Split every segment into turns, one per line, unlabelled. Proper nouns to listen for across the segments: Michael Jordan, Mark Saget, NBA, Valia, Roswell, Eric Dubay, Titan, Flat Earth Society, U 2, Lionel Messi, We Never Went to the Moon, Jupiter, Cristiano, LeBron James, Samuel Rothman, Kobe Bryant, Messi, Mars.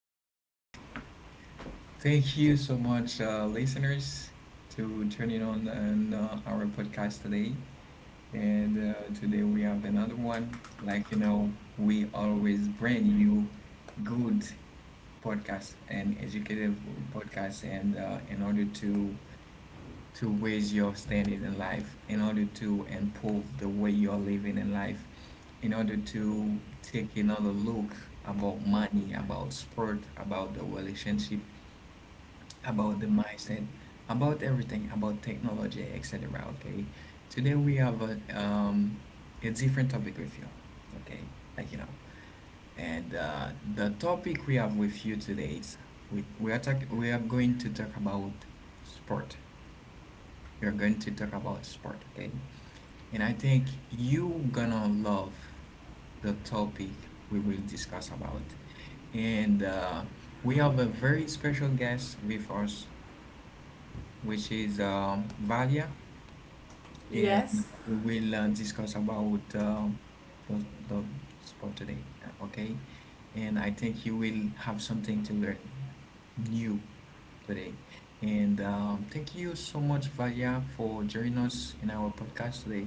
right. Thank you so much, listeners, to turning on and, our podcast today. And today we have another one. Like you know, we always bring you good podcast and educative podcast. And in order to raise your standard in life, in order to improve the way you're living in life, in order to take another look about money, about sport, about the relationship, about the mindset, about everything, about technology, etc. Okay, today we have a different topic with you. Okay, like you know, and the topic we have with you today is we are going to talk about sport. We're going to talk about sport, okay? And I think you gonna love the topic we will discuss about. And we have a very special guest with us, which is Valia, and
Yes,
we will discuss about the sport today, okay? And I think you will have something to learn new today. And thank you so much, Valia, for joining us in our podcast today.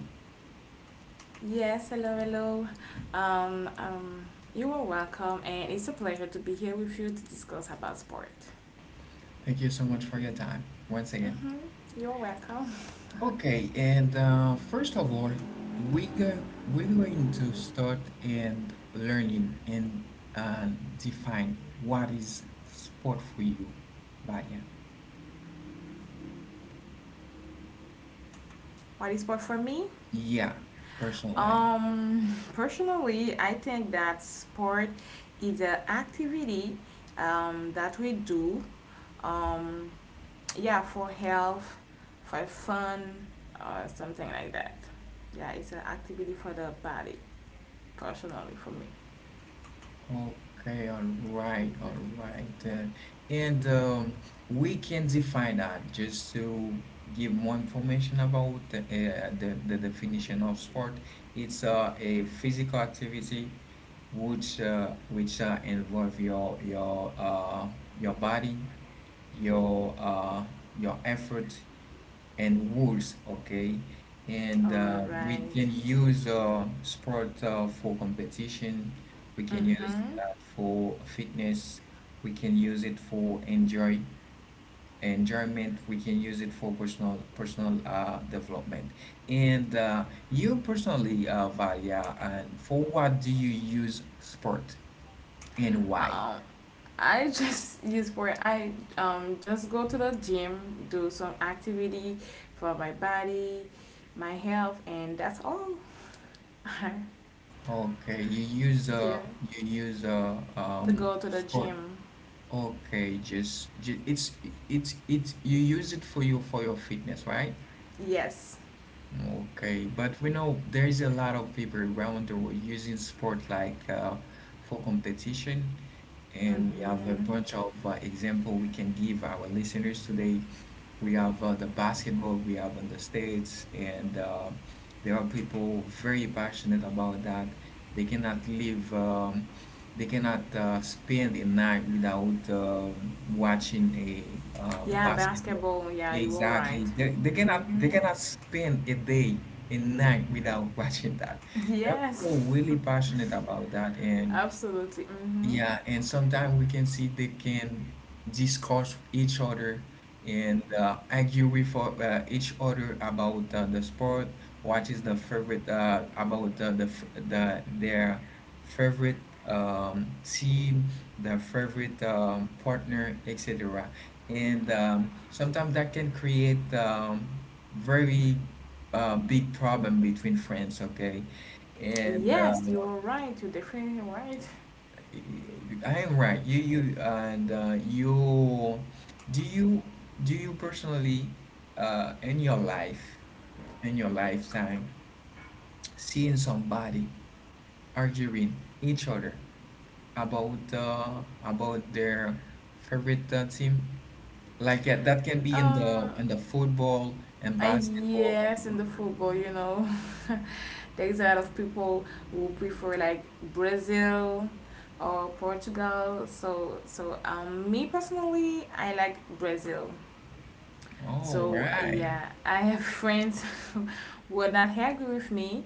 yes, hello, hello. Um, um, you are welcome, and it's a pleasure to be here with you to discuss about sport.
Thank you so much for your time once again.
Mm-hmm. You're welcome.
Okay, and first of all, we're going to start and learning and uh, define what is sport for you, Baya.
What is sport for me?
Yeah, personally.
Personally, I think that sport is an activity that we do, um, yeah, for health, for fun, or something like that. Yeah, it's an activity for the body, personally, for me.
Okay, all
It's gonna
right,
be
all
personal.
right. And we can define that just to give more information about the, the definition of sport. It's a physical activity which involve your your body, your uh, your effort, and wools, okay? And
All
we
right.
can use sport for competition. We can use
Mm-hmm.
that for fitness. We can use it for enjoyment. We can use it for personal development. And you personally, Valia, and for what do you use sport and why?
Um, I just use for I just go to the gym, do some activity for my body, my health, and that's all.
Okay,
Yeah,
you use
to go to the
sport.
gym.
Okay, just it's you use it for your fitness, right?
Yes.
Okay, but we know there is a lot of people around the world using sport like for competition, and we have a
Mm-hmm.
bunch of example we can give our listeners today. We have the basketball we have in the States, and there are people very passionate about that. They cannot live, they cannot spend a night without watching a
Yeah,
basketball.
basketball. Yeah, you all right.
Exactly. They
Mm-hmm.
cannot spend a day and night without watching that. There are people
Yes,
really passionate about that, and
absolutely. Mm-hmm.
yeah, and sometimes we can see they can discuss each other and argue with each other about the sport, what is the favorite about the their favorite team, their favorite partner, etc. And sometimes that can create very big problem between friends. Okay, and
Yes, you are right. You're definitely right.
I am right. You and you do you do you personally in your life in your lifetime seeing somebody arguing each other about their favorite team, like that that can be
Um,
in the football and basketball or
yes, in
soccer.
the football, you know. There's a lot of people who prefer like Brazil or Portugal. So me personally, I like Brazil.
All
So
right,
yeah, I have friends who are not happy with me.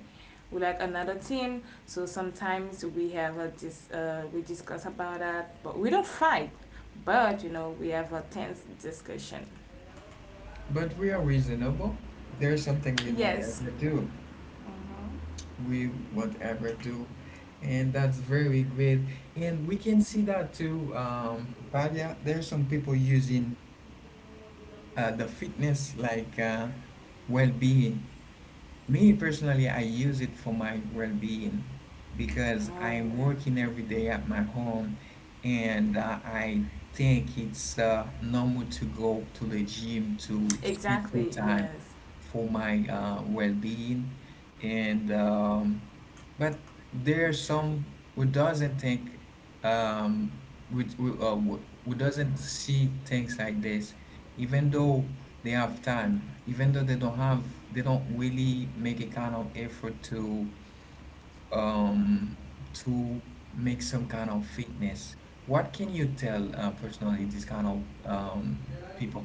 We like another team. So sometimes we have a we discuss about that, but we don't fight. But you know, we have a tense discussion.
but we are reasonable. There's something we want
Yes.
to do with whatever do, and that's very great. And we can see that too, Vadia, there are some people using the fitness like well-being. Me personally, I use it for my well being because
Oh,
I'm working every day at my home, and I think it's normal to go to the gym to spend some
exactly.
time
Yes.
for my well being. And but there are some who doesn't think um, who doesn't see things like this, even though they have time, even though they don't really make a kind of effort um, to make some kind of fitness. What can you tell personally these kind of um, people?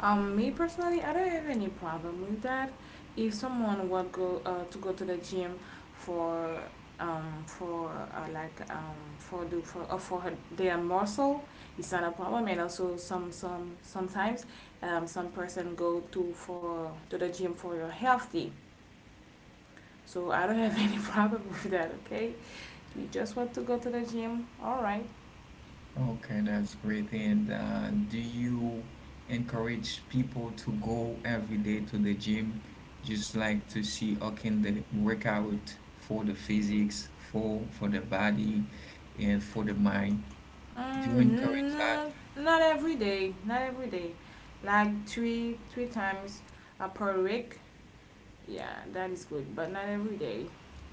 Me personally, I don't have any problem with that. If someone would go to go to the gym for for like for the for her, their muscle, it's not a problem. And also sometimes some person go to for to the gym for your healthy. So I don't have any problem with that. Okay, you just want to go to the gym, all right.
Okay, that's great. And do you encourage people to go every day to the gym, just like to see how can they work out for the physics, for the body, and for the mind? Do encourage that,
No, not every day, not every day, like three times per week. Yeah, that is good, but not every day.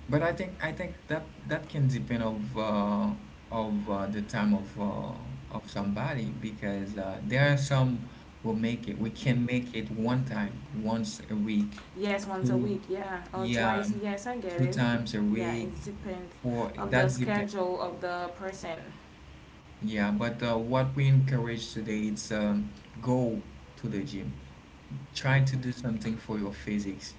but I think that that can depend of the time of somebody, because there are some who make it, one time, once a week,
Yes, once a
two,
week. Yeah, or
yeah,
twice. Yes, I get
two
it.
times a
Yeah,
week.
it depends
For
of the
that's depend.
schedule of the person.
Yeah, but what we encourage today is go to the gym, trying to do something for your physics,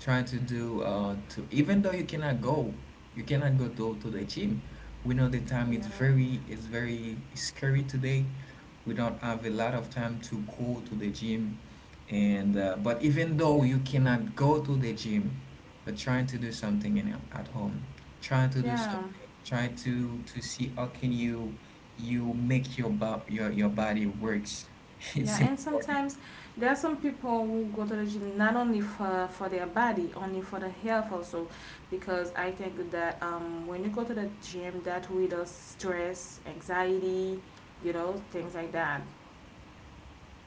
trying to do to even though you cannot go to the gym. We know the time is
Yeah,
very scary today. We don't have a lot of time to go to the gym, and but even though you cannot go to the gym, but trying to do something in at home, trying to do
yeah.
something, trying to see how can you make your your body works.
Yeah,
It's
and
important.
sometimes there are some people who go to the gym not only for their body, only for the health also, because I think that when you go to the gym, that reduces stress, anxiety, things like that.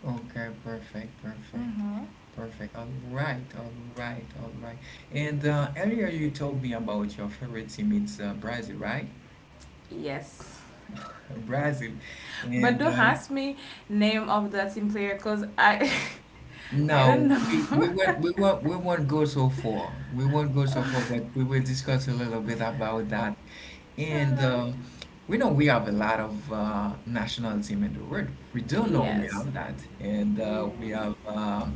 Okay, perfect, perfect,
Mm-hmm.
perfect. All right, all right, all right. And earlier you told me about your favorite team. It's Brazil, right?
Yes,
Brazil.
but
And
don't ask me name of the team player, cause I I don't
no, we
know.
won't go so far. We won't go so far, but we will discuss a little bit about that. And
Alright.
we know we have a lot of national team in the world. We do know we
Yes.
have that, and we
Mm-hmm.
have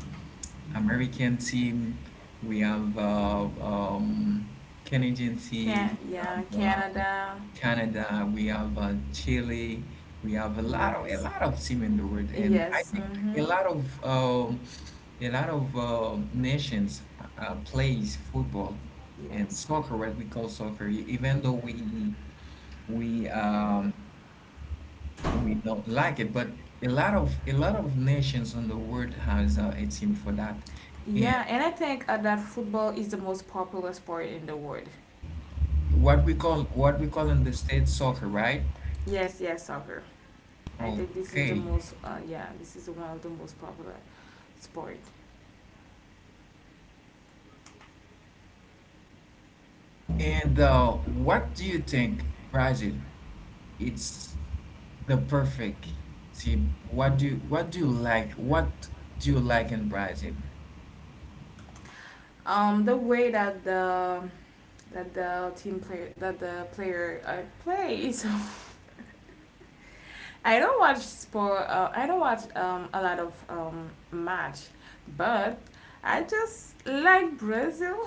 American team, we have Canadian team, we have
Canada.
Canada, we have Chile, we have a
Yes.
lot of team in the world, and I
Yes.
think
Mm-hmm.
a lot of um, a lot of nations plays football and
Yes.
soccer, what we call soccer, even though we we um, we don't like it, but a lot of nations in the world has a team for that, and
Yeah, and I think that football is the most popular sport in the world.
what we call in the States soccer, right?
Yes, yes, soccer. I think this is the
Okay.
most. Yeah, this is one of the most popular sport.
And what do you think, Brazil? It's the perfect team. What do you like? What do you like in Brazil?
The way that the player plays. I don't watch sport. I don't watch a lot of match, but I just like Brazil.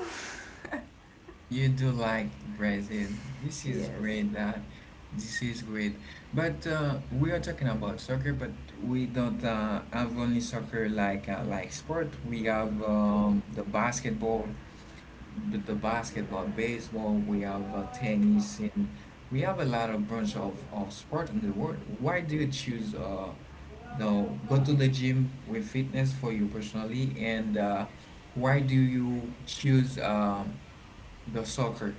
You do like Brazil. This is
yes.
great. That this is great. But we are talking about soccer, but we don't have only soccer like sport. We have the basketball. The basketball, baseball, we have tennis, and we have a lot of of sport in the world. Why do you choose the go to the gym with fitness for you personally, and why do you choose the soccer?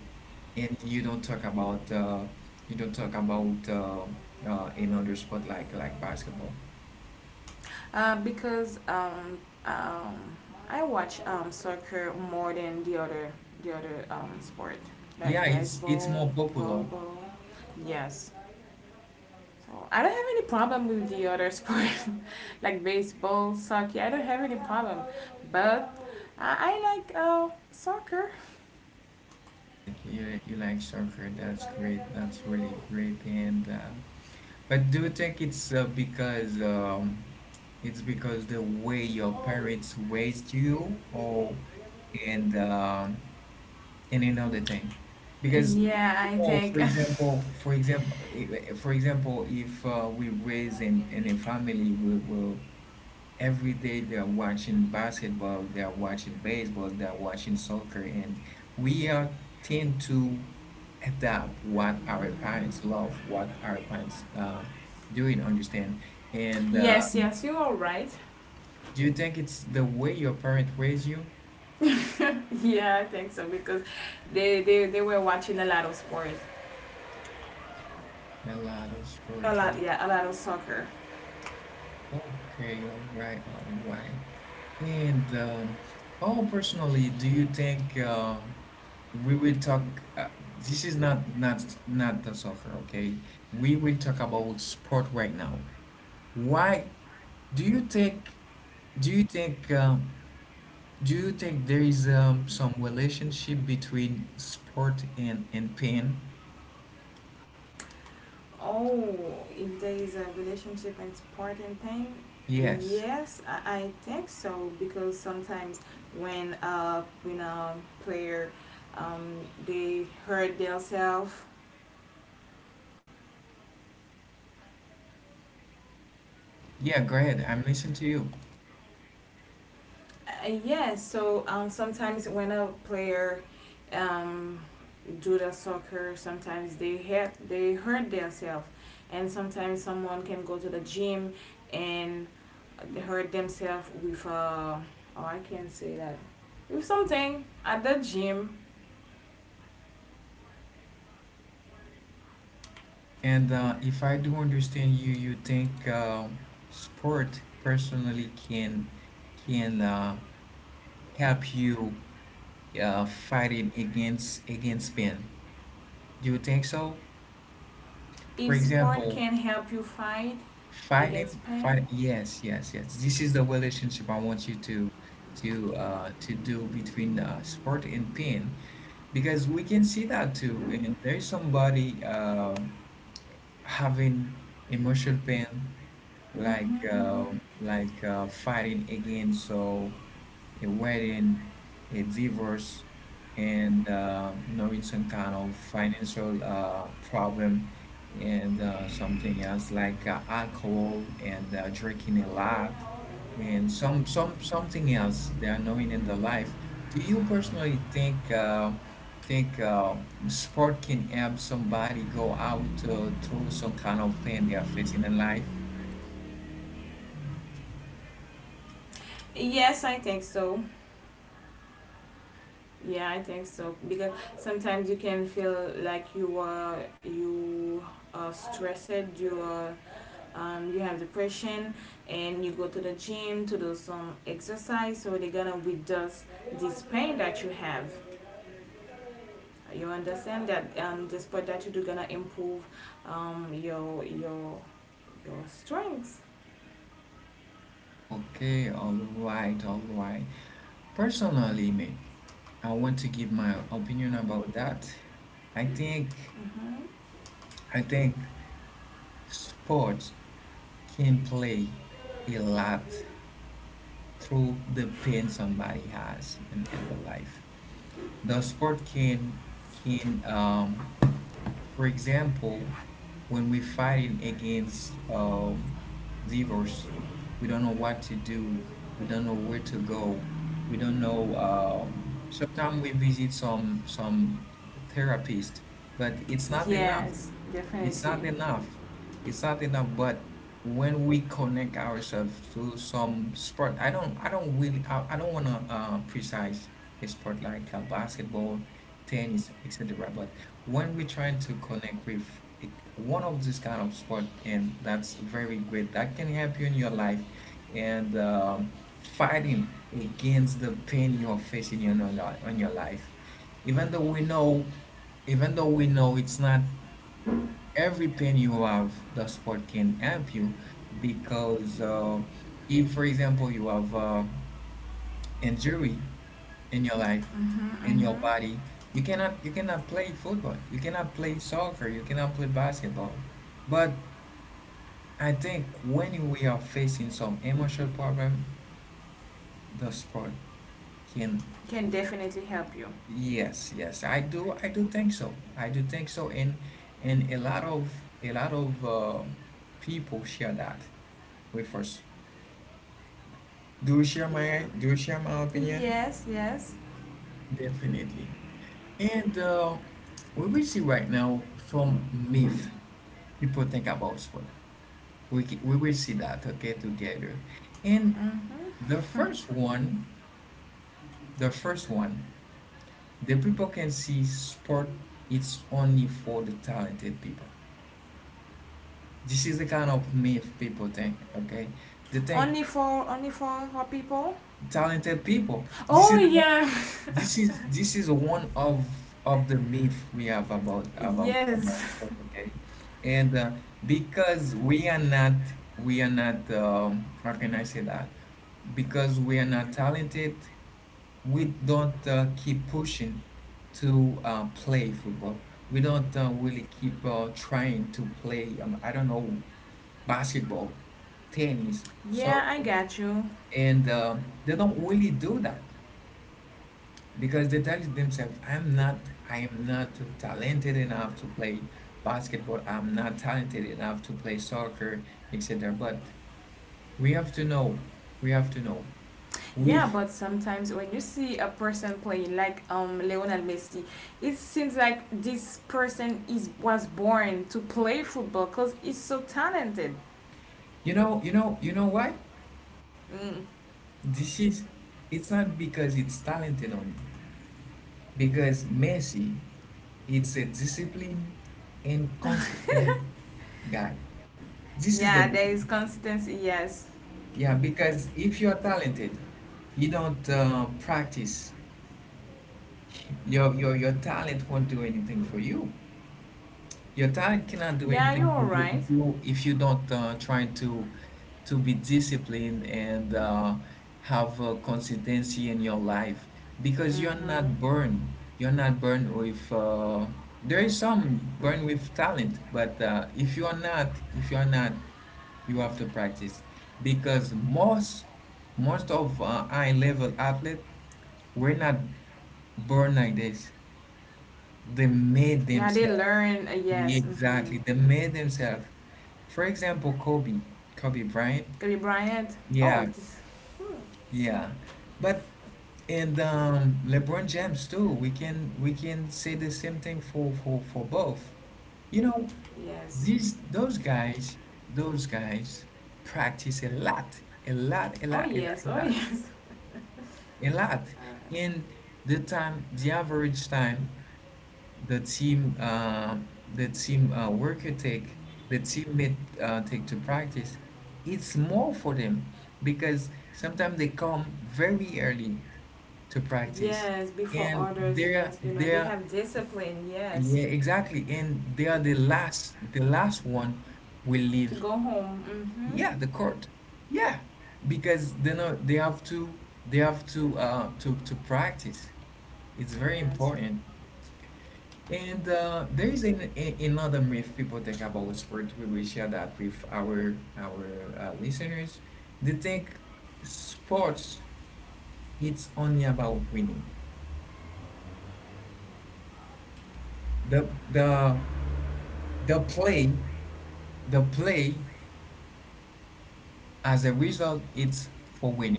And you don't talk about another sport like basketball.
Because um, I watch soccer more than the other sport
Yeah,
like
it's more
baseball,
popular.
volleyball. Yes. So I don't have any problem with the other sport like baseball, soccer. I don't have any problem, but I like soccer.
Like, you like soccer? That's great. That's really great. And but do you think it's because it's because the way your parents raised you, or and and another thing? Because
Yeah,
you
I
know,
think.
for example, for example, if we raise in a family, we will every day they are watching basketball, they are watching baseball, they are watching soccer, and we are tend to adapt what our parents love, what our parents doing, understand. And
Yes, yes, you are right.
do you think it's the way your parents raise you?
yeah, I think so because they were watching a lot of sports,
A lot of
a
sports.
lot, yeah, a lot of soccer.
Okay, all right, all right. And how personally do you think? We will talk uh, this is not the soccer, okay, we will talk about sport right now. Why do you think do you think do you think there is some relationship between sport and pain?
Oh, if there is a relationship and sport and pain,
Yes,
yes, I think so because sometimes when a player um they hurt themselves.
yeah, go ahead, I'm listening to you.
Sometimes when a player um, do the soccer, sometimes they hurt themselves, and sometimes someone can go to the gym and hurt themselves with oh I can't say that with something at the gym.
And if I do understand you, you think sport personally can help you fighting against pain. Do you think so? For
If sport
example,
can help you fight against pain,
fight. Yes, yes, yes. This is the relationship I want you to do between sport and pain, because we can see that too. And there's somebody having emotional pain, like, fighting against so a wedding, a divorce, and knowing some kind of financial problem, and something else like alcohol and drinking a lot, and some something else they are knowing in the life. Do you personally think think uh, sport can help somebody go out through some kind of pain they are facing in life?
yes, I think so. Yeah, I think so because sometimes you can feel like you are stressed, you are you have depression, and you go to the gym to do some exercise, so they're gonna reduce this pain that you have. You understand that the sport that you do gonna improve um, your your your strengths.
Okay, alright, alright. Personally, man, I want to give my opinion about that. I think I think sports can play a lot through the pain somebody has in the life. The sport can for example, when we're fighting against divorce, we don't know what to do. We don't know where to go. We don't know. Sometimes we visit some therapist, but it's not enough
Yes,
it's not
definitely
enough. It's not enough, but when we connect ourselves to some sport, I don't wanna precise a sport like basketball, tennis, etc. But when we try to connect with it- one of this kind of sport, and that's very great. That can help you in your life, and fighting against the pain you're facing in your on your life even though we know even though we know it's not every penny you have. The sport can help you because if for example you have injury in your life, in your body, you cannot, you cannot play football, you cannot play soccer, you cannot play basketball. But I think when we are facing some emotional problem, the sport can.
can definitely help you.
Yes, yes, I do think so, I do think so. And a lot of people share that with us. Do you
Yeah.
share my opinion?
Yes. Yes.
Definitely. And we will see right now from myth people think about sport. We will see that okay together. And
Mhm.
the first one, the first one, the people can see sport. It's only for the talented people. This is the kind of myth people think. Okay, they think
Only for only for hot people.
talented people.
Oh yeah,
This is one of the myth we have about about
yes,
sport, okay? And because we are not how can I say that? Because we are not talented, we don't keep pushing to play football. We don't really keep trying to play. I don't know, basketball, tennis,
yeah, I
soccer,
got you.
and they don't really do that because they tell themselves I am not talented enough to play basketball, I'm not talented enough to play soccer, etc. But we have to know, we have to know
Yeah,
we've.
but sometimes when you see a person playing like Lionel Messi, it seems like this person is was born to play football because he's so talented.
You know, you know why.
Mm.
This is, it's not because it's talented only. Because Messi, it's a disciplined and consistent guy. This is
Yeah,
the
there is
one.
consistency. Yes.
Yeah, because if you're talented, you don't practice. Your talent won't do anything for you. Your talent cannot do
Yeah, you're
anything
all
for you
right.
if you don't try to be disciplined and have consistency in your life, because you're not born. You're not born with. There is some born with talent, but if you are not, you have to practice, because most most of high level athlete were not born like this. They made
Yeah, they
themselves.
learn.
Yeah,
Yes. Mm-hmm.
exactly. They made themselves. For example, Kobe, Kobe Bryant.
Kobe Bryant. Oh,
Yeah,
this. Hmm,
yeah. But and LeBron James too. We can say the same thing for for both. You know,
Yes.
these those guys practice a lot, a lot, a
Oh
lot, a lot,
yes.
a
Oh
lot,
yes.
a lot. And the average time the team uh, the team worker take, the teammate take to practice, it's more for them, because sometimes they come very early to practice.
Yes, before
And
others.
they're
Yes, you know they
they're
have discipline. Yes,
yeah, exactly, and they are the last, the last one will
to
leave,
go home. Mhm.
yeah, the court. Yeah, because they know they have to, they have to practice. It's very
Yes.
important. And there is another myth people think about sport. We will share that with our listeners. They think sports, it's only about winning. The the the play the play as a result, it's for winning.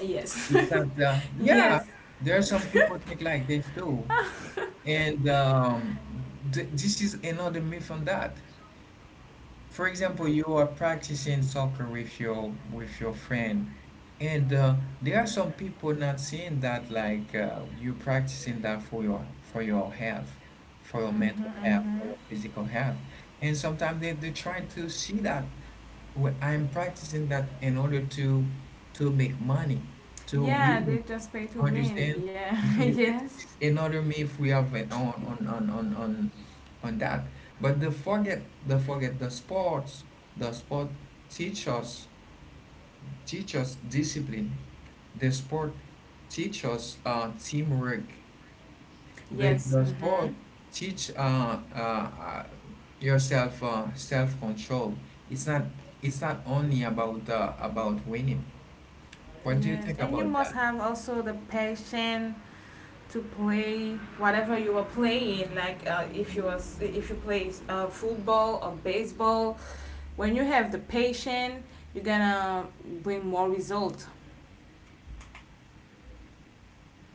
Yes.
It's not the yeah.
yes.
There are some people think like this too, and this is another myth on that. For example, you are practicing soccer with your friend, and there are some people not seeing that like you practicing that for your health, for your mental health, for your physical health, and sometimes they try to see that, "Well, I'm practicing that in order to make money, to
Yeah,
win."
they just pay to win.
Understand?
Yeah.
Understand?
yes.
This is another myth we have on on that. But the sport teach us, teach us discipline. The sport teach us teamwork. The
Yes.
the sport
Mhm.
teach yourself self control. It's not, it's not only about winning. What do you
Yes,
think
and you
about
must
that?
have also the passion to play whatever you are playing. Like if you play football or baseball, when you have the passion, you're gonna bring more result.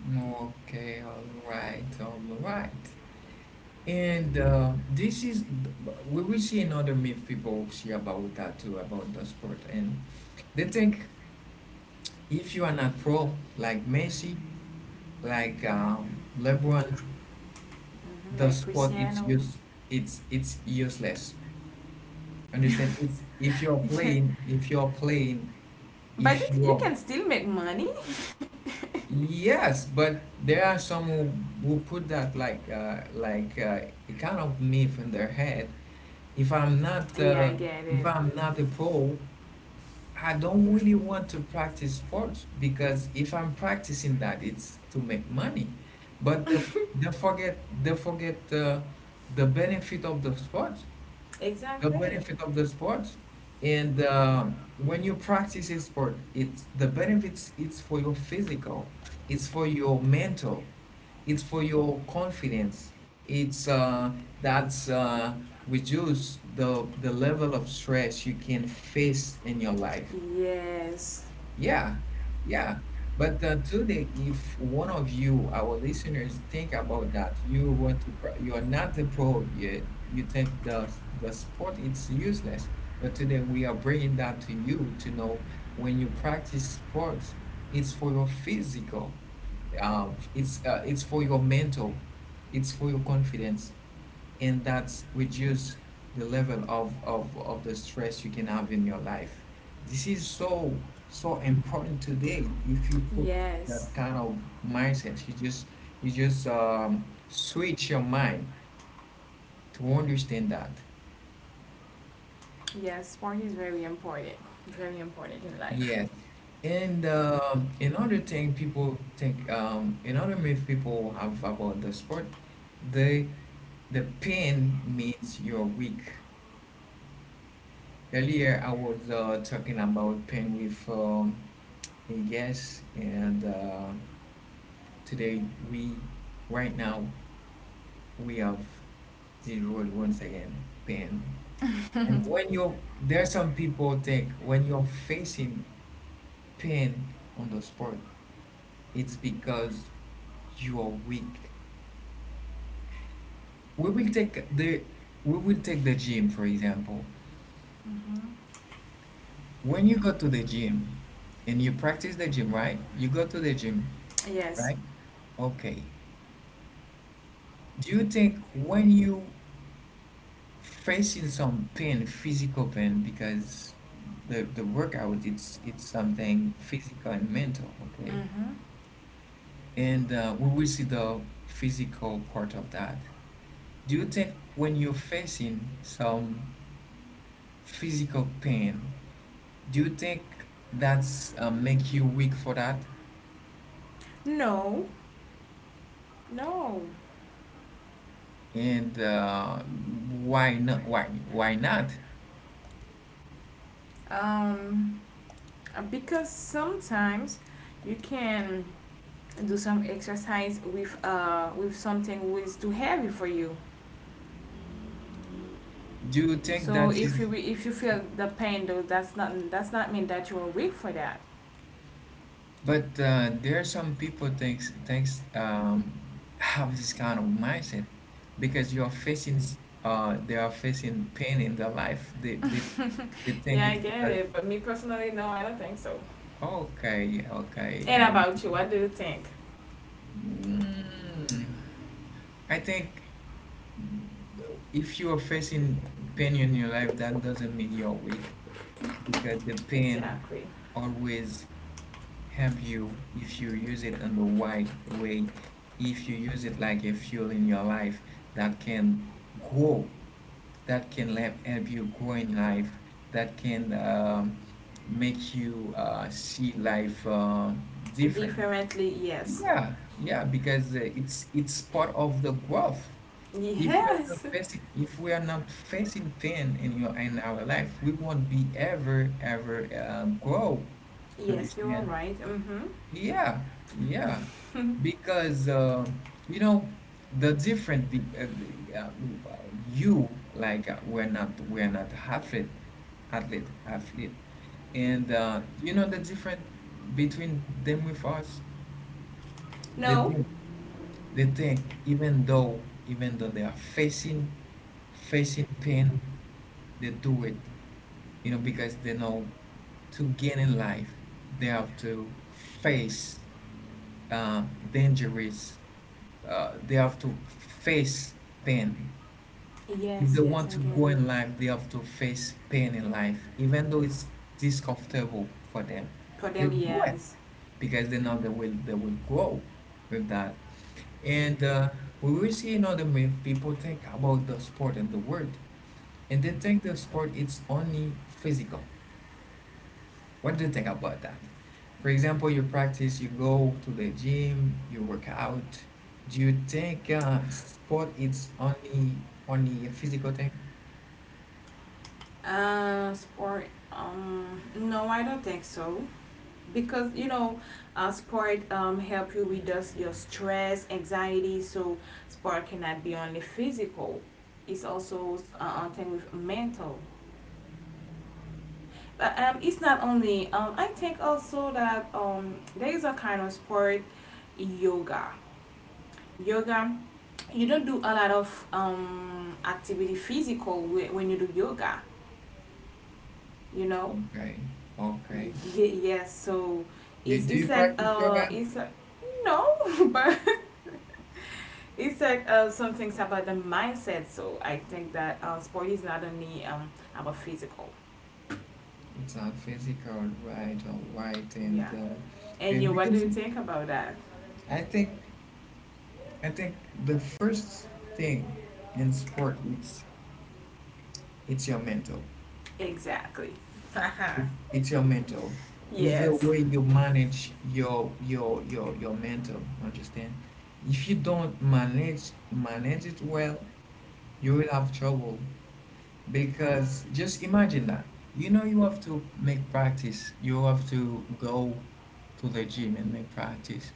Okay, all right, all right. And we will see another myth people see about that too, about the sport. And they think if you are not pro, like Messi, like LeBron,
Mhm,
the
like
sport it's
Cristiano.
use, it's useless. Understand? It's if you're
Yeah.
playing,
But
if
you
you're
can still make money.
yes, but there are some who put that like a kind of myth in their head. If I'm not
Yeah, I
uh,
get it.
if I'm not a pro, I don't really want to practice sports because if I'm practicing that, it's to make money. But they they forget the benefit of the sport, the
Exactly.
benefit of the sport and when you practice a sport, it's the benefits, it's for your physical, it's for your mental, it's for your confidence, it's that's reduce the level of stress you can face in your life.
Yes,
Yeah, yeah. But today, if one of you, our listeners, think about that, you want to, you are not the pro yet. You think the sport is useless. But today we are bringing that to you to know, when you practice sports, it's for your physical, it's for your mental, it's for your confidence, and that's reduce the level of, of the stress you can have in your life. This is so so important today. If you put
yes,
that kind of mindset, you just switch your mind to understand that.
yes. Sport is very important. Very important in life.
Yes, and another thing people think, another myth people have about the sport, the the pain means you're weak. Earlier, I was talking about pain with yes, and today we, right now, we have the road once again, pain. And when you, there are some people think when you're facing pain on the sport, it's because you are weak. We will take the, we will take the gym for example. When you go to the gym, and you practice the gym, right? You go to the gym,
Yes.
right? Okay. Do you think when you facing some pain, physical pain, because the workout, it's something physical and mental, okay?
Mm-hmm.
And we will see the physical part of that. Do you think when you're facing some physical pain, do you think that's make you weak for that?
No, no.
And why not? Why not?
Um, because sometimes you can do some exercise with something who is too heavy for you.
Do you think
So
that is?
if you feel the pain though, that's not mean that you are weak for that.
But there are some people thinks thinks have this kind of mindset because you are facing they are facing pain in their life. They they think
yeah, I
it's
get
because
it, but me personally, no, I don't think so.
okay, okay
And
and
about you, what do you think?
mm, I think if you are facing pain in your life, that doesn't mean you're weak, because the pain
Exactly.
always help you if you use it in the right way, if you use it like a fuel in your life, that can grow, that can help, help you grow in life, that can make you see life different.
Differently, yes.
Yeah, yeah, because it's part of the growth. If we are not
Yes.
facing, if we are not facing pain in your in our life, we won't be ever ever grow.
Yes, you are
Understand?
right. Mm-hmm.
Yeah, yeah, because you know the different be, the, you like we're not, we're not athlete, athlete, athlete, and you know the different between them with us. They
No.
think they think even though they are facing pain, they do it, you know, because they know to gain in life they have to face uh, dangerous they have to face pain. If they
Yes, yes,
want
I
to
get
go
it.
in life, they have to face pain in life, even though it's discomfortable for them.
For
They
them,
do it
yes.
because they know they will grow with that. And we will see, you know, the myth people think about the sport and the world, and they think the sport it's only physical. What do you think about that? For example, you practice, you go to the gym, you work out. Do you think sport is only only a physical thing?
Sport. No, I don't think so. Because you know, sport help you reduce your stress, anxiety. So sport cannot be only physical. It's also a thing with mental. But, it's not only. I think also that there is a kind of sport, yoga. Yoga, you don't do a lot of activity physical when you do yoga. You know,
Okay, okay.
Ye- yes. So
You do you
it's like
practice yoga?
it's no, but it's like some things about the mindset. So I think that sport is not only about physical.
It's not physical, right? All right,
Yeah. And
and
you,
we
what
can
do you
see.
think about that?
I think I think the first thing in sport, it's your mental.
Exactly. Uh-huh.
It's, it's your mental. It's the
Yes.
way you manage your your mental. Understand? If you don't manage it well, you will have trouble because just imagine that. You know you have to make practice. You have to go to the gym and make practice,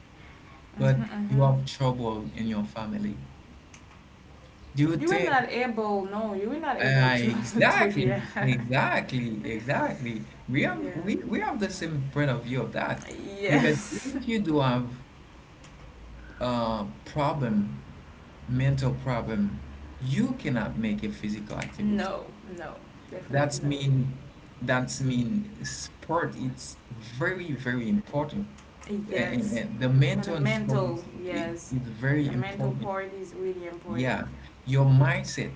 but you
Mm-hmm.
have trouble in your family. Do you
You were
think?
not able, no, you were not able
Uh,
to, to
exactly,
hear.
exactly, exactly. We
Yeah.
have we, we have the same point of view of that
yeah.
because
Yes.
if you do have a problem, mental problem, you cannot make a physical activity.
No, no, definitely
That's
no.
mean that's mean sport. It's very very important. And,
Yes.
and the
And
mental
the
and sport is
mental,
is
yes.
is very
The mental
important.
part is really important.
Yeah, your mindset,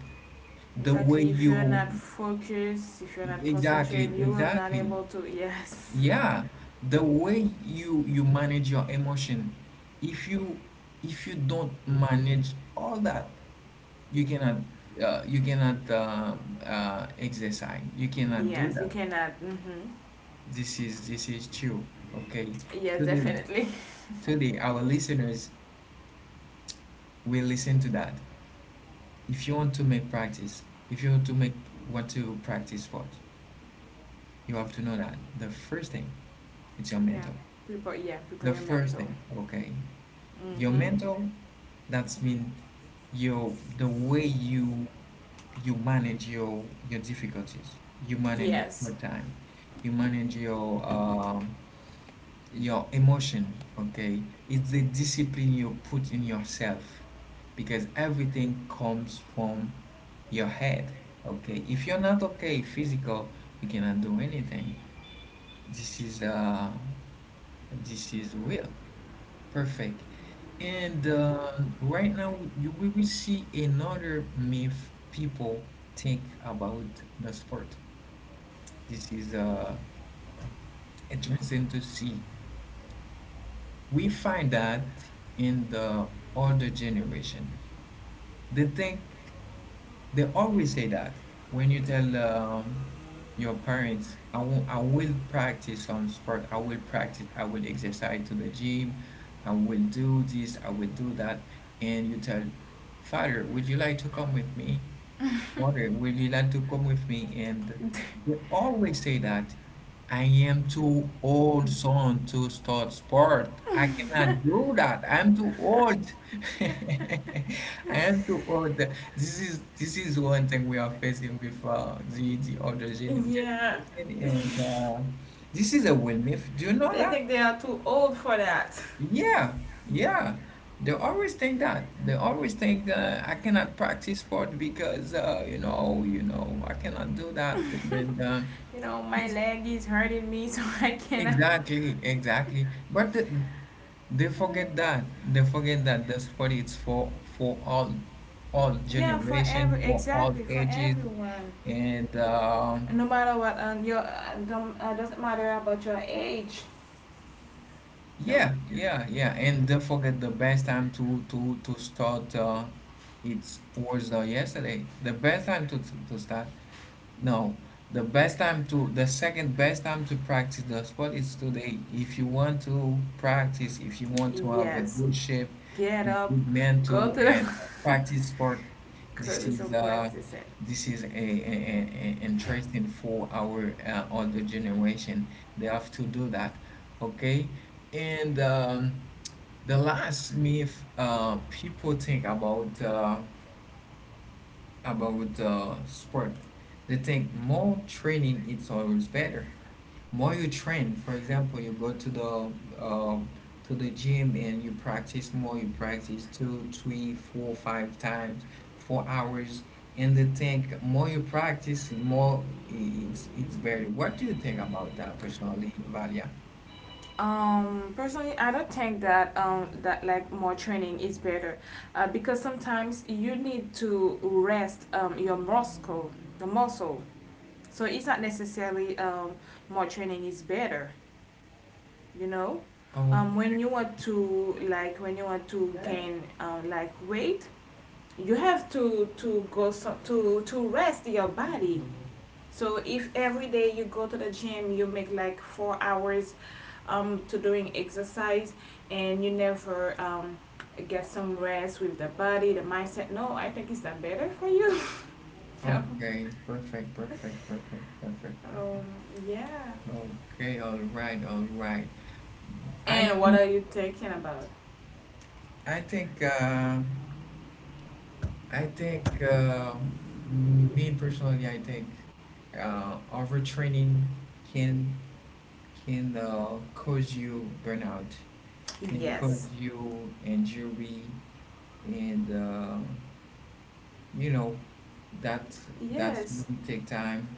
the way
Exactly. If you're
you
not focused, if you're not
exactly
concentrated, you will not
exactly.
able to. Yes.
Yeah, the way you manage your emotion. If you if you don't manage all that, you cannot you cannot exercise. You cannot do
yes, you
that.
cannot. Mm-hmm.
This is true. Okay.
Yes,
Today
definitely.
today our listeners will listen to that. If you want to make practice, if you want to make want to practice sports, you have to know that the first thing it's your
Yeah.
mental.
Prepare. Yeah, prepare
The
your
first
mental.
thing, okay. Your
Mm-hmm.
mental, that's mean your the way you manage your difficulties, you manage your
Yes.
hard time, you manage your emotion, okay, it's the discipline you put in yourself because everything comes from your head. Okay, if you're not okay physical, you cannot do anything. This is this is real. Perfect. And right now, we will see another myth people think about the sport. This is interesting to see. We find that in the older generation, they think. They always say that when you tell your parents, I will practice some sport, I will practice, I will exercise to the gym, I will do this, I will do that, and you tell, Father, would you like to come with me? Water. Will you like to come with me? And they always say that I am too old son to start sport. I cannot do that. I'm too old. I am too old. This is one thing we are facing with the older
yeah,
generation, and this is a real myth. Do you know
they
that?
think they are too old for that.
Yeah, yeah. They always think that. They always think I cannot practice sport because you know, I cannot do that. And
You know, my
it's
leg is hurting me, so I cannot.
exactly, exactly. But the, they forget that. They forget that the sport is for for all, all
Yeah, for
generation,
every
for all
exactly for
ages,
everyone.
and. Um,
No matter what, your don't, doesn't matter about your age. No.
yeah, yeah, yeah. And don't forget the best time to start. It was yesterday. The best time to start. No, the best time to the second best time to practice the sport is today. If you want to practice, if you want to have a
Yes.
good shape, a
Get up.
good
Go
mental
to
and
the
practice sport,
go
this
to some
is uh
practicing.
this is a, a interesting for our older generation. They have to do that, okay? And the last myth people think about the sport. They think more training it's always better. More you train, for example, you go uh, to the gym and you practice more. You practice two, three, four, five times, 4 hours, and they think more you practice, more it's better. What do you think about that personally, Valia?
Personally, I don't think that more training is better, because sometimes you need to rest the muscle. So it's not necessarily more training is better. You know,
Oh,
when you want to like when you want to gain like weight, you have to go so, to rest your body. So if every day you go to the gym, you make like 4 hours to doing exercise, and you never get some rest with the body, the mindset. No, I think it's not better for you. no.
okay, perfect, perfect, perfect, perfect,
Um,
perfect.
yeah.
Okay, all right, all right. I
And what
think
are you thinking about?
I think uh, I think me personally, I think overtraining can can cause you burnout, can cause
Yes.
you injury, and you know that's that's
Yes.
really take time,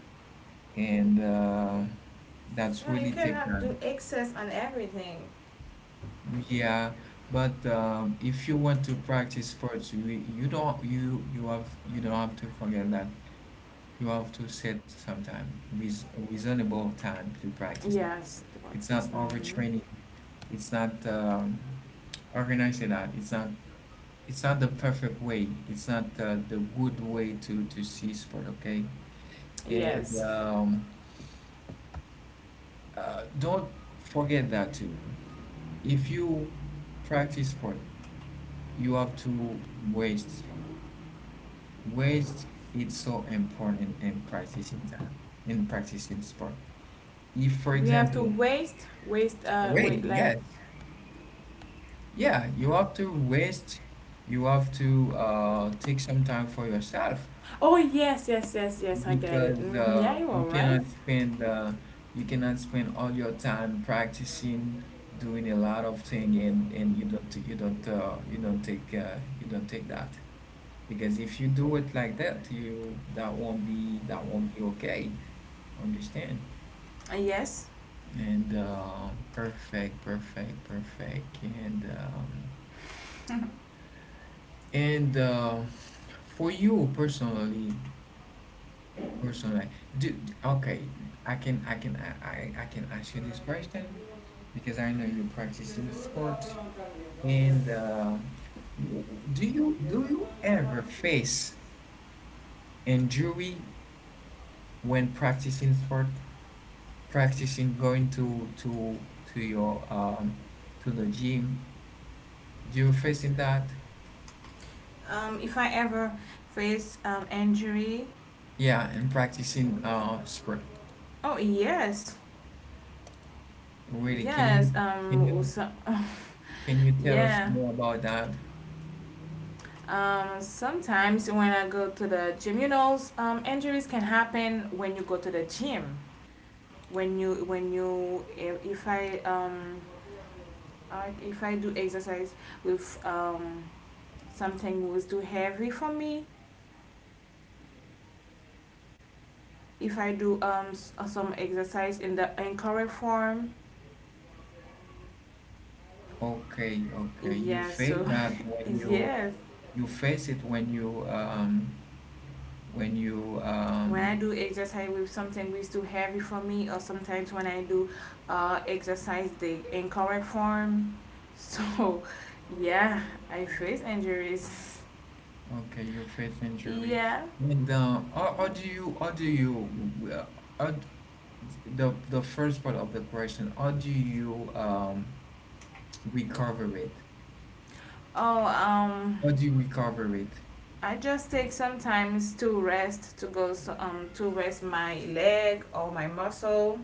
and that's
Yeah, you
really take
cannot
time.
do excess on everything.
Yeah, but if you want to practice sports, you don't you don't have to forget that. You have to set some time, with reasonable time to practice it.
Yes. The point
It's
is.
not
Hmm
overtraining. It's not organizing that. It's not. It's not the perfect way. It's not the good way to see sport. Okay, and
Yes.
don't forget that too. If you practice sport, you have to waste. Waste is so important in practicing time in practicing sport. If, for
We have to
example,
waste, waste,
wait,
wait, like
yes. Yeah, you have to rest. You have to take some time for yourself
oh yes, yes, yes, yes. I get it.
because
Hmm Yeah, you are right.
you cannot spend all your time practicing, doing a lot of thing, and you don't take that because if you do it like that, you that won't be okay. Understand?
Yes.
And perfect, perfect, perfect, and. And for you personally, personally, do okay. I can I can ask you this question because I know you practice in sports. And w- do you ever face injury when practicing sport? Practicing going to to your to the gym. Do you facing that?
If I ever face injury.
Yeah, and practicing sport.
Oh yes,
Really, can you
yes.
can you? Can you tell us
Yeah.
more about that?
Sometimes when I go to the gym, you know, injuries can happen when you go to the gym. When you If if I do exercise with something was too heavy for me, if I do some exercise in the incorrect form.
Okay, okay. You
Yeah,
face
so
that when you
yes.
you face it when you
When I do exercise with something which is too heavy for me, or sometimes when I do exercise the incorrect form, so yeah, I face injuries.
okay, you face injury.
yeah.
And or do you uh, or d- the first part of the question, how do you recover it?
Oh,
How do you recover it?
I just take sometimes to rest to go so, to rest my leg or my muscle,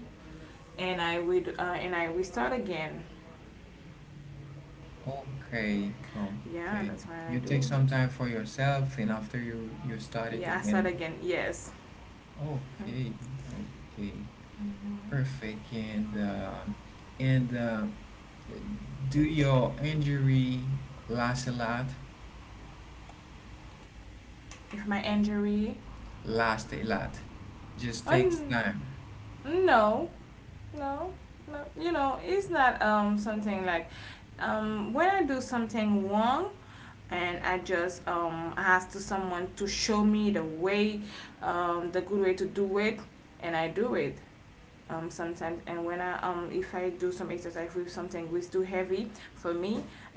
and I would and I restart again.
Okay,
Yeah,
okay.
that's what I
You
do.
take some time for yourself and after you start it
Yeah, I start
again.
again. Yes.
Okay, okay.
Mm-hmm.
Perfect. And and uh, do your injury last a lot?
If my injury,
Last a lot. Just
oh
takes time.
no, no, no. You know, it's not something like when I do something wrong, and I just ask to someone to show me the way, the good way to do it, and I do it. Sometimes and when I if I do some exercise with something which is too heavy for me,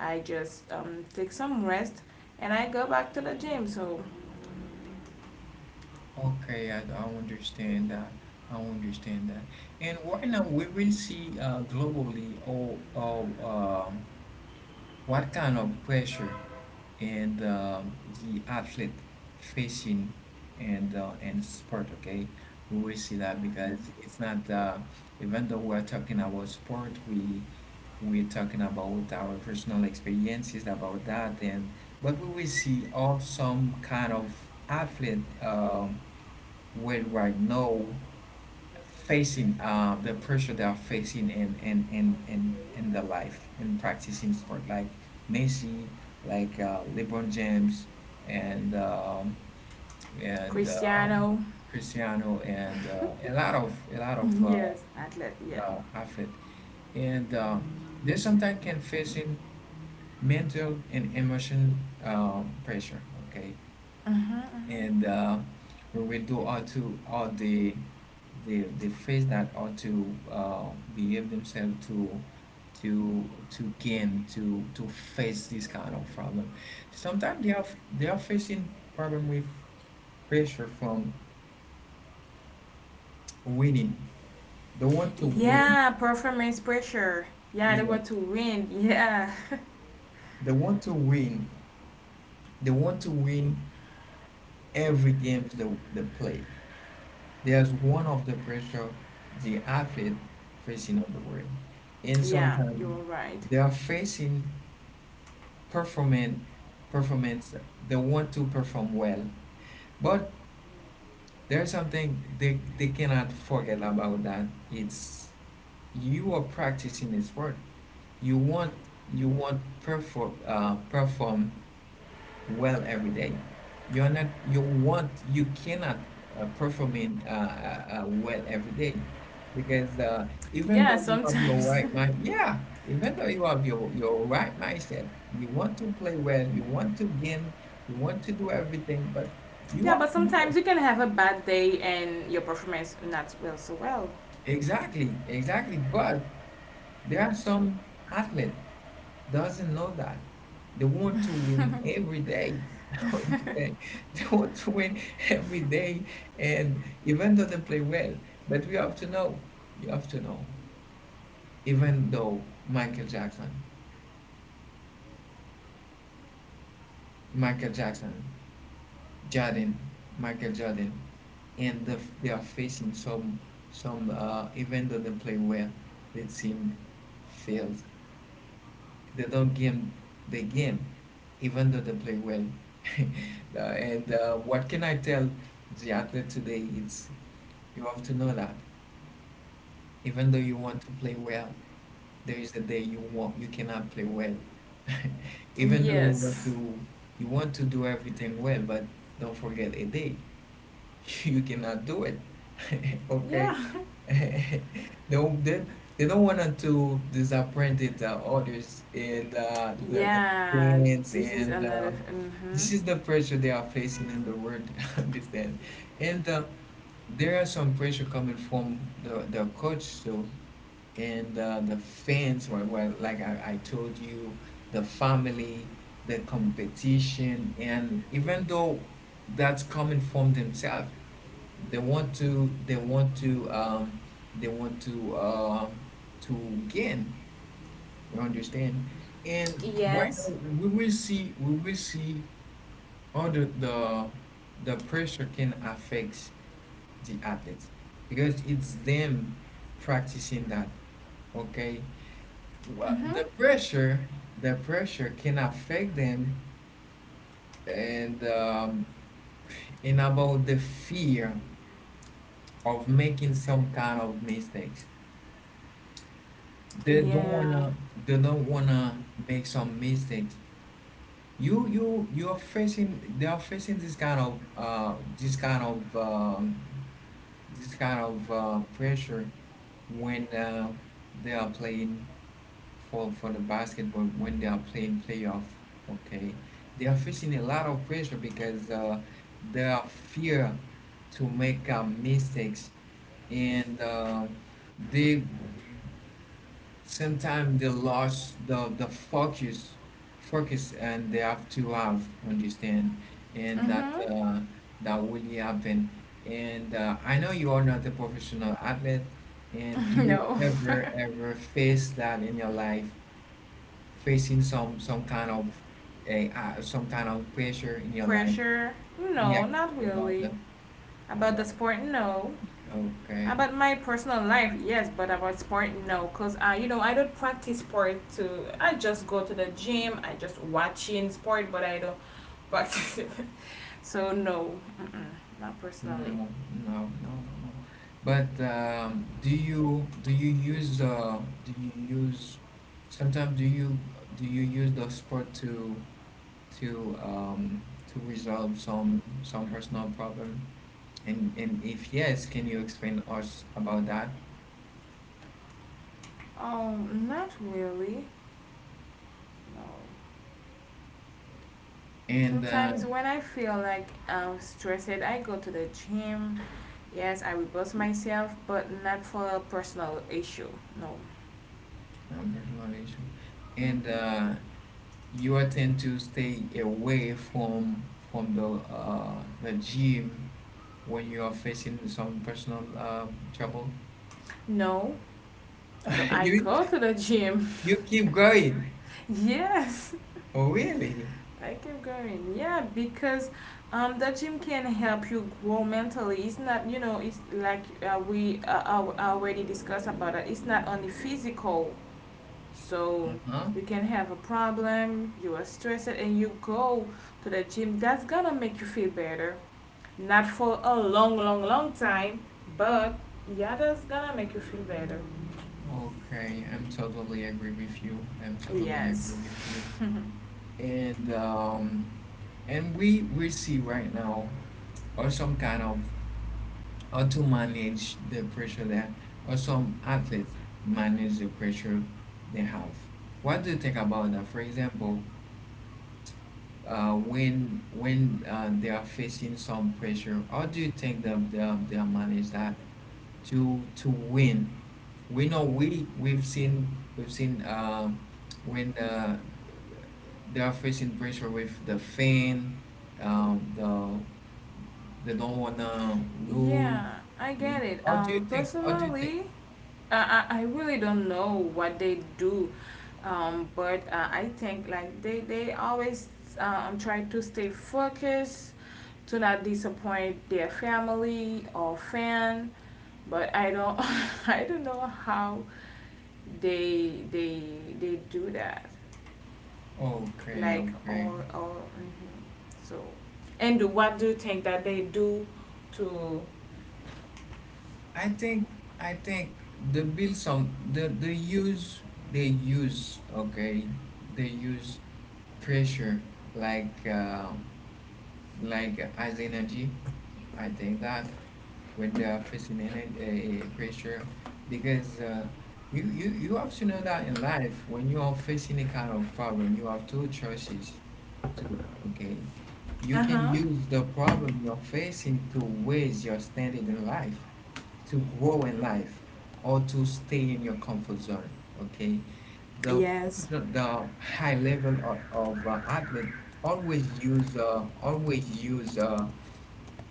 I just take some rest, and I go back to the gym so.
Okay, I understand that. I understand that. And right now we will see globally all um, what kind of pressure and the athlete facing and sport? Okay, we will see that because
Mm-hmm.
it's not even though we're talking about sport, we're talking about our personal experiences about that and but we will see all some kind of athlete worldwide now facing the pressure they are facing in their life in practicing sport like Messi, like LeBron James, and and um,
Cristiano.
Cristiano, and a lot of
yes, athlete, yeah.
athlete, and they sometimes can facing mental and emotion pressure. Okay, and we will do all to all the face that ought to behave themselves to gain to face this kind of problem. Sometimes they are facing problem with pressure from winning. They want to win.
Yeah, performance pressure. Yeah, they
Yeah,
want to win, yeah.
they want to win. They want to win every games they play. There's one of the pressure the athlete facing on the world. And
yeah,
sometimes
you're right.
they are facing performance, performance, they want to perform well. But there's something they cannot forget about that. It's you are practicing a sport. You want you want perform perform well every day. You want, you cannot perform in well every day because
Yeah,
even though you
sometimes.
have your right mind, yeah, even though you have your right mindset, you want to play well, you want to gain, you want to do everything, but you
yeah,
have
but
to know
sometimes you can have a bad day and your performance not well so well.
exactly, exactly. But there are some athletes doesn't know that. They want to win every day. What do you think? They want to win every day, and even though they play well, but we have to know. You have to know. Even though Michael Jackson, Michael Jackson, Jordan, Michael Jordan, and the, they are facing some, some. Even though they play well, the team fails. They don't game, the game, even though they play well. And what can I tell the athlete today? It's you have to know that even though you want to play well, there is a day you cannot play well. Even though
Yes.
you want to do everything well, but don't forget a day. You cannot do it. Okay.
Yeah.
They, they, they don't want to disappoint the others and the
Yeah,
fans
this is
and
another.
this
Mm-hmm.
is the pressure they are facing in the world this then. And There are some pressure coming from the coach too, and the fans were like I told you, the family, the competition, and even though that's coming from themselves, they want to they want to um, to gain, you understand? And right
Yes.
now we will see how the pressure can affect the athletes, because it's them practicing that. Okay. Wha-
Mm-hmm.
the pressure the pressure can affect them. And and about the fear of making some kind of mistakes, they don't
Yeah.
wanna they don't wanna make some mistakes. You're facing They are facing this kind of pressure when they are playing for the basketball, when they are playing playoff. Okay, they are facing a lot of pressure because they are fear to make mistakes. And they, sometimes they lost the focus, focus, and they have to have understand. and that
Mm-hmm.
uh, that really happen. And I know you are not a professional athlete, and do you
no.
ever face that in your life, facing some kind of a some kind of pressure in your life?
Pressure?
Yeah,
No, not
about
really.
that,
About the
about,
sport? No.
okay.
About my personal life? Yes, but about sport? No. Because, I don't practice sport to. I just go to the gym, I just watching sport, but I don't practice it. So, no. Mm-mm. Not personally.
No, no, no, no. But do you do you use sometimes do you use the sport to um to resolve some personal problem? And if yes, can you explain us about that?
Oh, not really. No.
And
Sometimes when I feel like I'm stressed, I go to the gym. Yes, I reboost myself, but not for a personal issue. No.
Personal issue. And you are tend to stay away from the gym when you are facing some personal trouble?
No. Although I
You
go to the gym.
you keep going.
yes.
Oh, really?
I keep going. Yeah, because the gym can help you grow mentally. It's not, it's like we already discussed about it. It's not only physical. So
Uh-huh.
you can have a problem, you are stressed, and you go to the gym. That's gonna make you feel better. Not for a long, long, long time, but yeah, that's gonna make you feel better.
Okay, I'm totally agree with you. I'm totally
Yes.
agree with you. And um, and we see right now, or some kind of, how to manage the pressure there, or some athletes manage the pressure they have. What do you think about that? For example, when they are facing some pressure? How do you think that they are manage that to win? We know we've seen when they are facing pressure with the fan, um, the they don't wanna lose.
yeah, I get
And
it.
how do you think? How do you think?
Personally, I, I really don't know what they do, but I think like they always try to stay focused, to not disappoint their family or fan. But I don't. I don't know how they they they do that,
Oh, Okay,
like
okay.
or so. And what do you think that they do to?
I think I think the build some they use, okay, they use pressure like uh, like as energy. I think that, with the facing energy, pressure, because you have to know that in life, when you are facing a kind of problem, you have two choices too. Okay, you
Uh
can
huh.
use the problem you're facing to raise your standard in life, to grow in life, or to stay in your comfort zone. Okay, the
Yes.
purpose, the high level of athlete, always use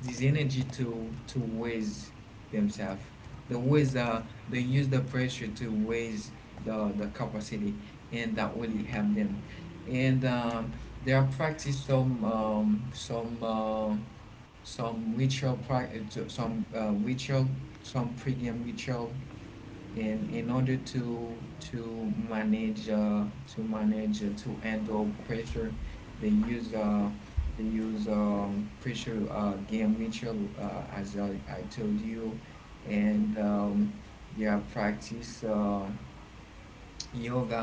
this energy to raise themselves. The ways they use the pressure to raise the capacity, and that really help them. And they are practice some ritual, some pregame ritual, in order to manage, to handle pressure. They use, pressure, game ritual, as I told you. And they are practice yoga.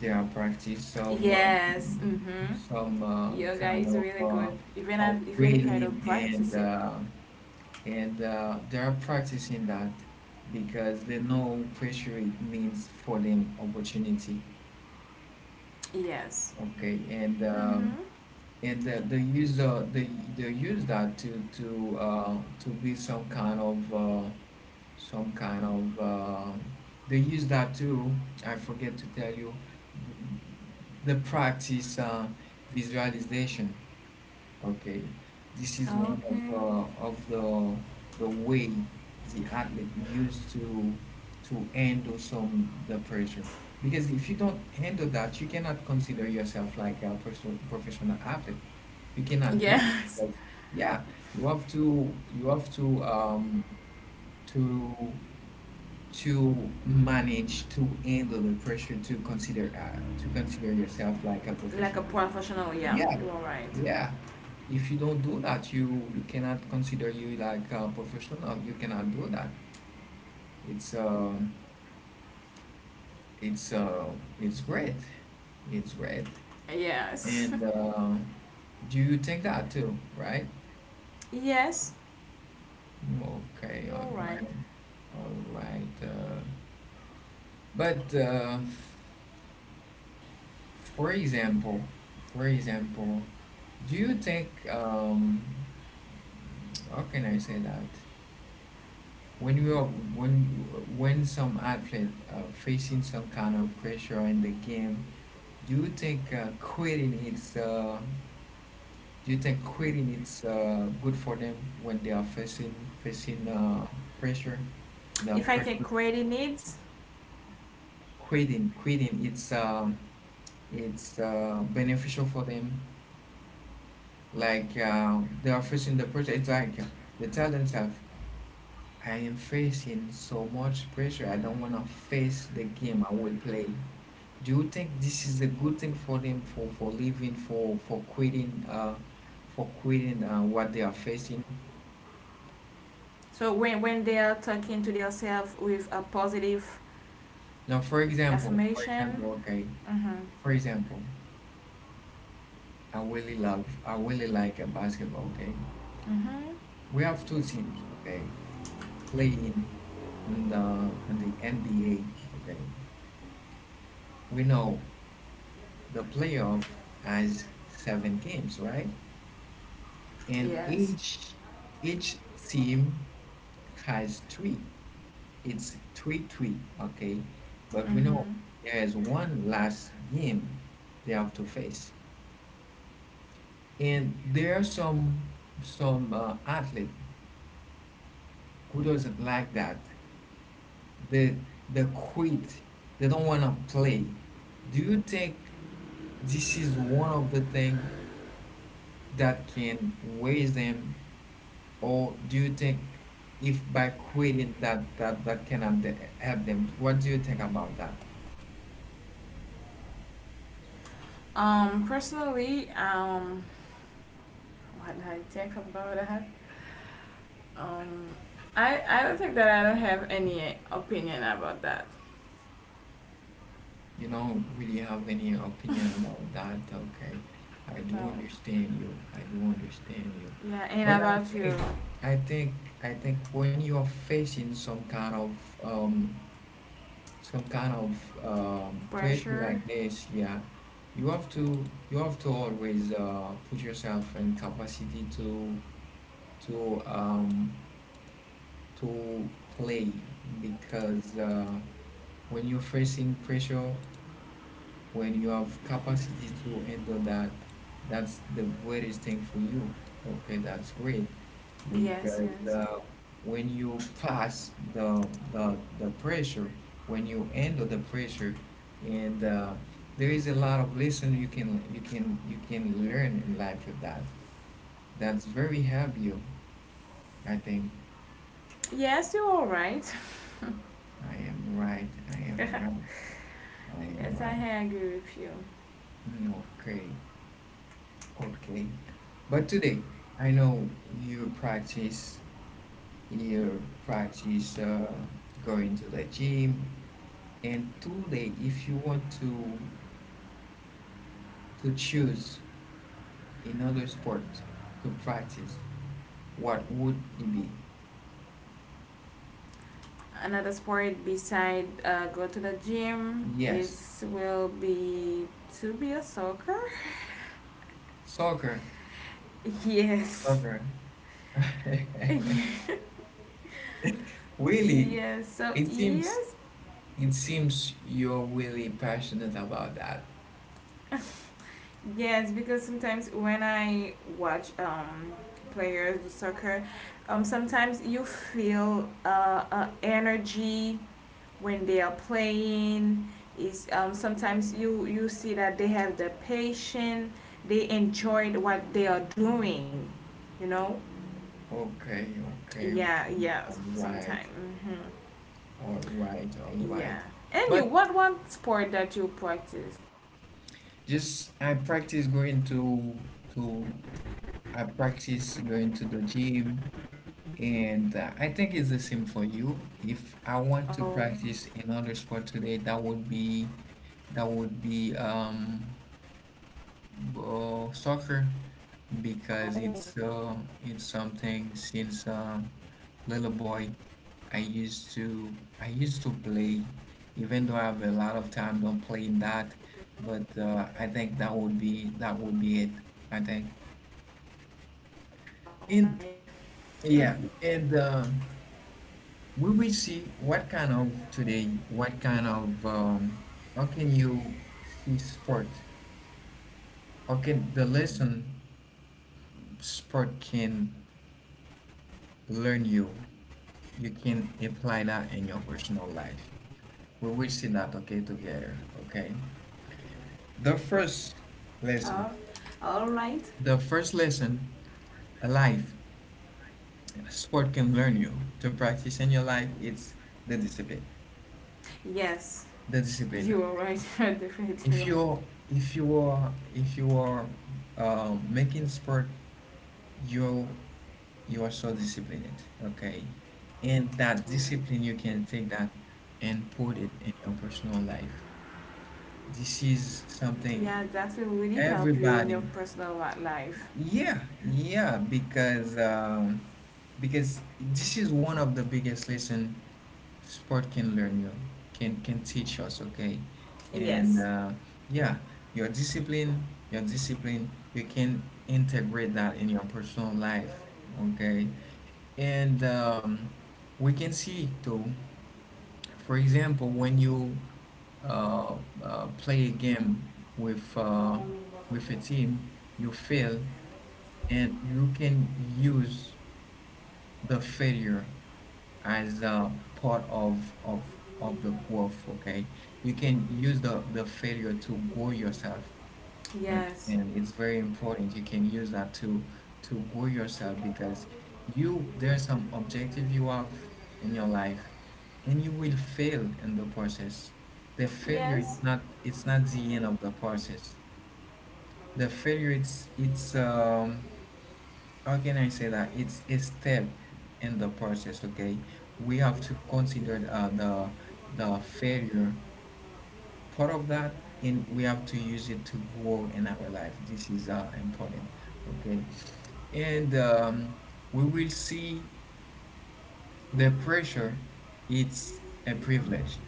They are practice
Yes. Mm hmm.
some
Yoga is
kind of
really good, even if I don't
breathing,
practice it.
and they are practicing that because they know pressure, it means for them opportunity.
Yes.
Okay. and
Mm-hmm.
um, and the user, they use that to be some kind of some kind of uh, they use that too. I forget to tell you, the practice visualization. Okay, this is one
Okay.
of the way the athlete used to handle some, the pressure. Because if you don't handle that, you cannot consider yourself like a professional athlete. You cannot do that
Yes.
because yeah, you have to to to manage, to handle the pressure, to consider yourself like a
Like a
professional.
professional, yeah,
Yeah,
you are right.
yeah. If you don't do that, you cannot consider you like a professional. You cannot do that. It's uh, it's uh, it's great. It's great.
Yes.
And do you think that too, right?
yes,
Okay,
you
all
are
right,
right.
all right. But for example, for example, do you think, how can I say that? When you are when when some athlete facing some kind of pressure in the game, do you think quitting is do you think quitting is good for them when they are facing pressure, the
If I
pressure,
take credit needs,
quitting, it's beneficial for them. Like they are facing the pressure, it's like they tell themselves, I am facing so much pressure, I don't want to face the game, I will play. Do you think this is a good thing for them, for leaving, for quitting, what they are facing?
so when they are talking to themselves with a positive
Now,
affirmation, mm-hmm.
for example, I really like basketball. Okay,
Mm-hmm.
we have two teams. Okay, playing in the NBA. Okay, we know the playoff has seven games, right? And
Yes.
each team has three. It's 3-3, okay? But we know
Mm-hmm.
there is one last game they have to face. And there are some athlete who doesn't like that. They they quit. They don't want to play. Do you think this is one of the things that can raise them, or do you think, if by quitting, that cannot help them? What do you think about that?
Personally, what did I think about that? Um, I don't think that I don't have any opinion about that.
You don't really have any opinion about that, okay? I do
No.
understand you. I do understand you.
Yeah,
But
and
I
about your
think, I think, I think when you're facing some kind of, pressure
pressure.
like this, yeah, you have to, you have to always put yourself in capacity to, um, to play, because when you're facing pressure. When you have capacity to handle that, that's the greatest thing for you. Okay, that's great,
Yes,
because
yes.
when you pass the pressure, when you handle the pressure, and there is a lot of lesson you can learn in life with that. That's very help you, I think.
Yes, you're all right.
I am right I am
yes, I
right.
agree with you.
Mm, okay. Okay. But today, I know you practice, you practice uh, going to the gym, and today, if you want to choose another sport to practice, what would it be?
Another sport beside go to the gym
Yes,
is will be to be a soccer.
soccer,
yes.
soccer. Really,
yes. So
it seems
yes,
it seems you're really passionate about that.
yes, because sometimes when I watch players do soccer, sometimes you feel energy when they are playing. Is sometimes you see that they have the patience, they enjoyed what they are doing, you know.
Okay, okay,
Yeah,
okay.
yeah.
All right.
Sometimes, hmm
All right, all right.
yeah. And you,
But
what one sport that you practice?
just to I practice going to the gym, and I think it's the same for you. If I want
Oh,
to practice another sport today, that would be soccer, because
oh,
it's something since little boy. I used to I used to play, even though I have a lot of time don't playing that, but I think that would be, it. I think.
all right.
And yeah, and we will see what kind of today, what kind of how can you see sport? How can the lesson sport can learn you? You can apply that in your personal life. We will see that okay together. Okay.
All
The
All
first
right.
lesson. The first lesson, a life, a sport can learn you to practice in your life, it's the discipline.
Yes.
The discipline.
You are
Okay.
right. You are definitely
If
right.
you if you are making sport, you you are so disciplined. Okay, and that
Alright.
discipline you can take that and put it in your personal life. This is something
Yeah, that will really help you in your
everybody.
personal life.
Yeah, yeah, because this is one of the biggest lesson sport can learn you, can teach us, okay? And
Yes.
uh, yeah, your discipline, you can integrate that in your personal life, okay? And we can see too, for example, when you uh, play a game with uh, with a team, you fail, and you can use the failure as a part of the growth. Okay, you can use the failure to grow yourself, right?
Yes.
And it's very important, you can use that to grow yourself. Because you there are some objective you have in your life, and you will fail in the process. The failure
Yes.
is not, it's not the end of the process. The failure, it's how can I say that? It's a step in the process, okay? We have to consider the failure part of that, and we have to use it to grow in our life. This is important, okay? And we will see the pressure. It's a privilege.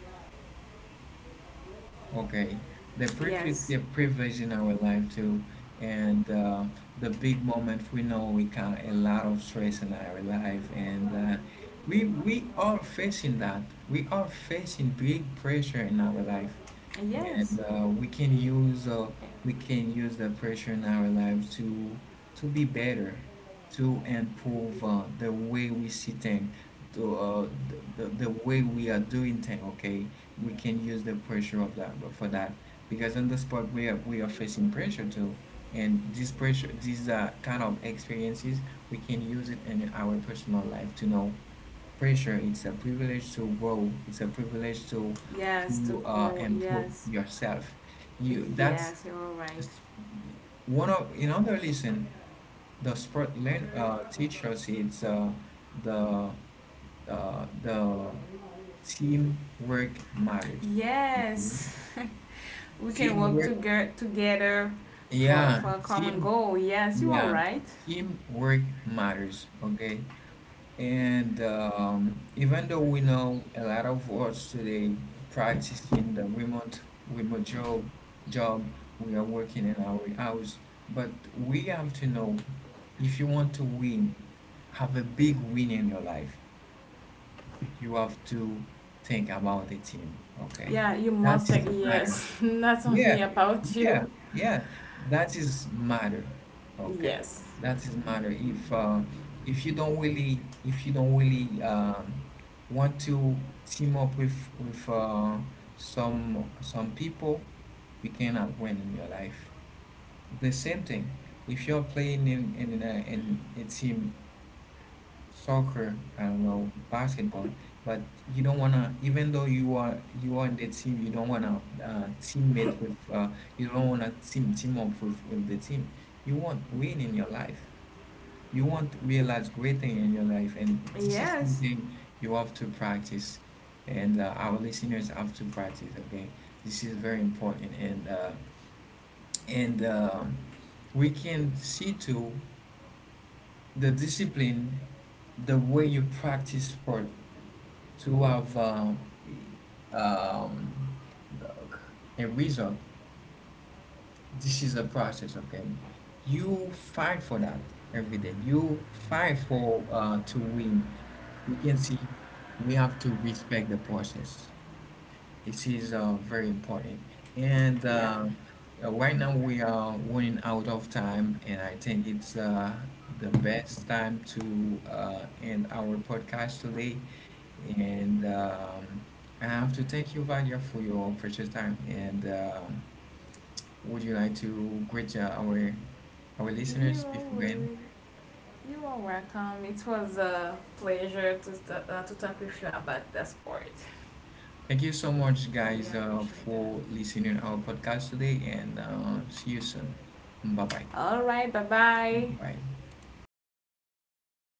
Okay, the prejudice
Yes.
is a privilege in our life too, and the big moment, we know we got a lot of stress in our life, and we are facing that. We are facing big pressure in our life,
Yes.
and we can use the pressure in our life to be better, to improve the way we see things, to the way we are doing things. Okay, we can use the pressure of that for that, because on the spot we are facing pressure too. And this pressure, these kind of experiences, we can use it in our personal life to know pressure, it's a privilege to grow, it's a privilege
Yes. To
to
grow.
improve
Yes.
yourself. You, that's
Yes. You're all right.
one of, in other lesson, the sport learn teachers, it's the the teamwork matters.
Yes, we can work
Teamwork,
together for
yeah,
a common
team,
goal. Yes. You are
yeah,
right.
teamwork matters, okay? And even though we know a lot of us today practicing the remote job, we are working in our house, but we have to know, if you want to win, have a big win in your life, you have to think about the team, okay?
Yeah. You
That
must.
is
Take,
matter.
yes. That's
Yeah,
only about
yeah,
you.
yeah. That is matter. Okay,
Yes.
that is matter. If you don't really want to team up with some people, you cannot win in your life. The same thing. If you're playing in in a team, soccer, I don't know, basketball, but you don't wanna, even though you are in the team, you don't wanna teammate with, you don't wanna team up with the team. You want win in your life. You want realize great thing in your life, and this is
Yes.
something you have to practice, and our listeners have to practice. Okay, this is very important, and we can see to the discipline, the way you practice sport to have um, a result. This is a process, okay? You fight for that every day. You fight for to win. We can see, we have to respect the process. It is very important. And
Yeah.
Right now we are running out of time, and I think it's the best time to end our podcast today. And I have to thank you, Vadia, for your precious time. And would you like to greet our listeners
You are
before we end?
willing. You are welcome. It was a pleasure to to talk with you about the sport.
Thank you so much,
Really
guys,
appreciate that.
for listening our podcast today, and see you soon. Bye bye.
All right. Bye bye.
Bye.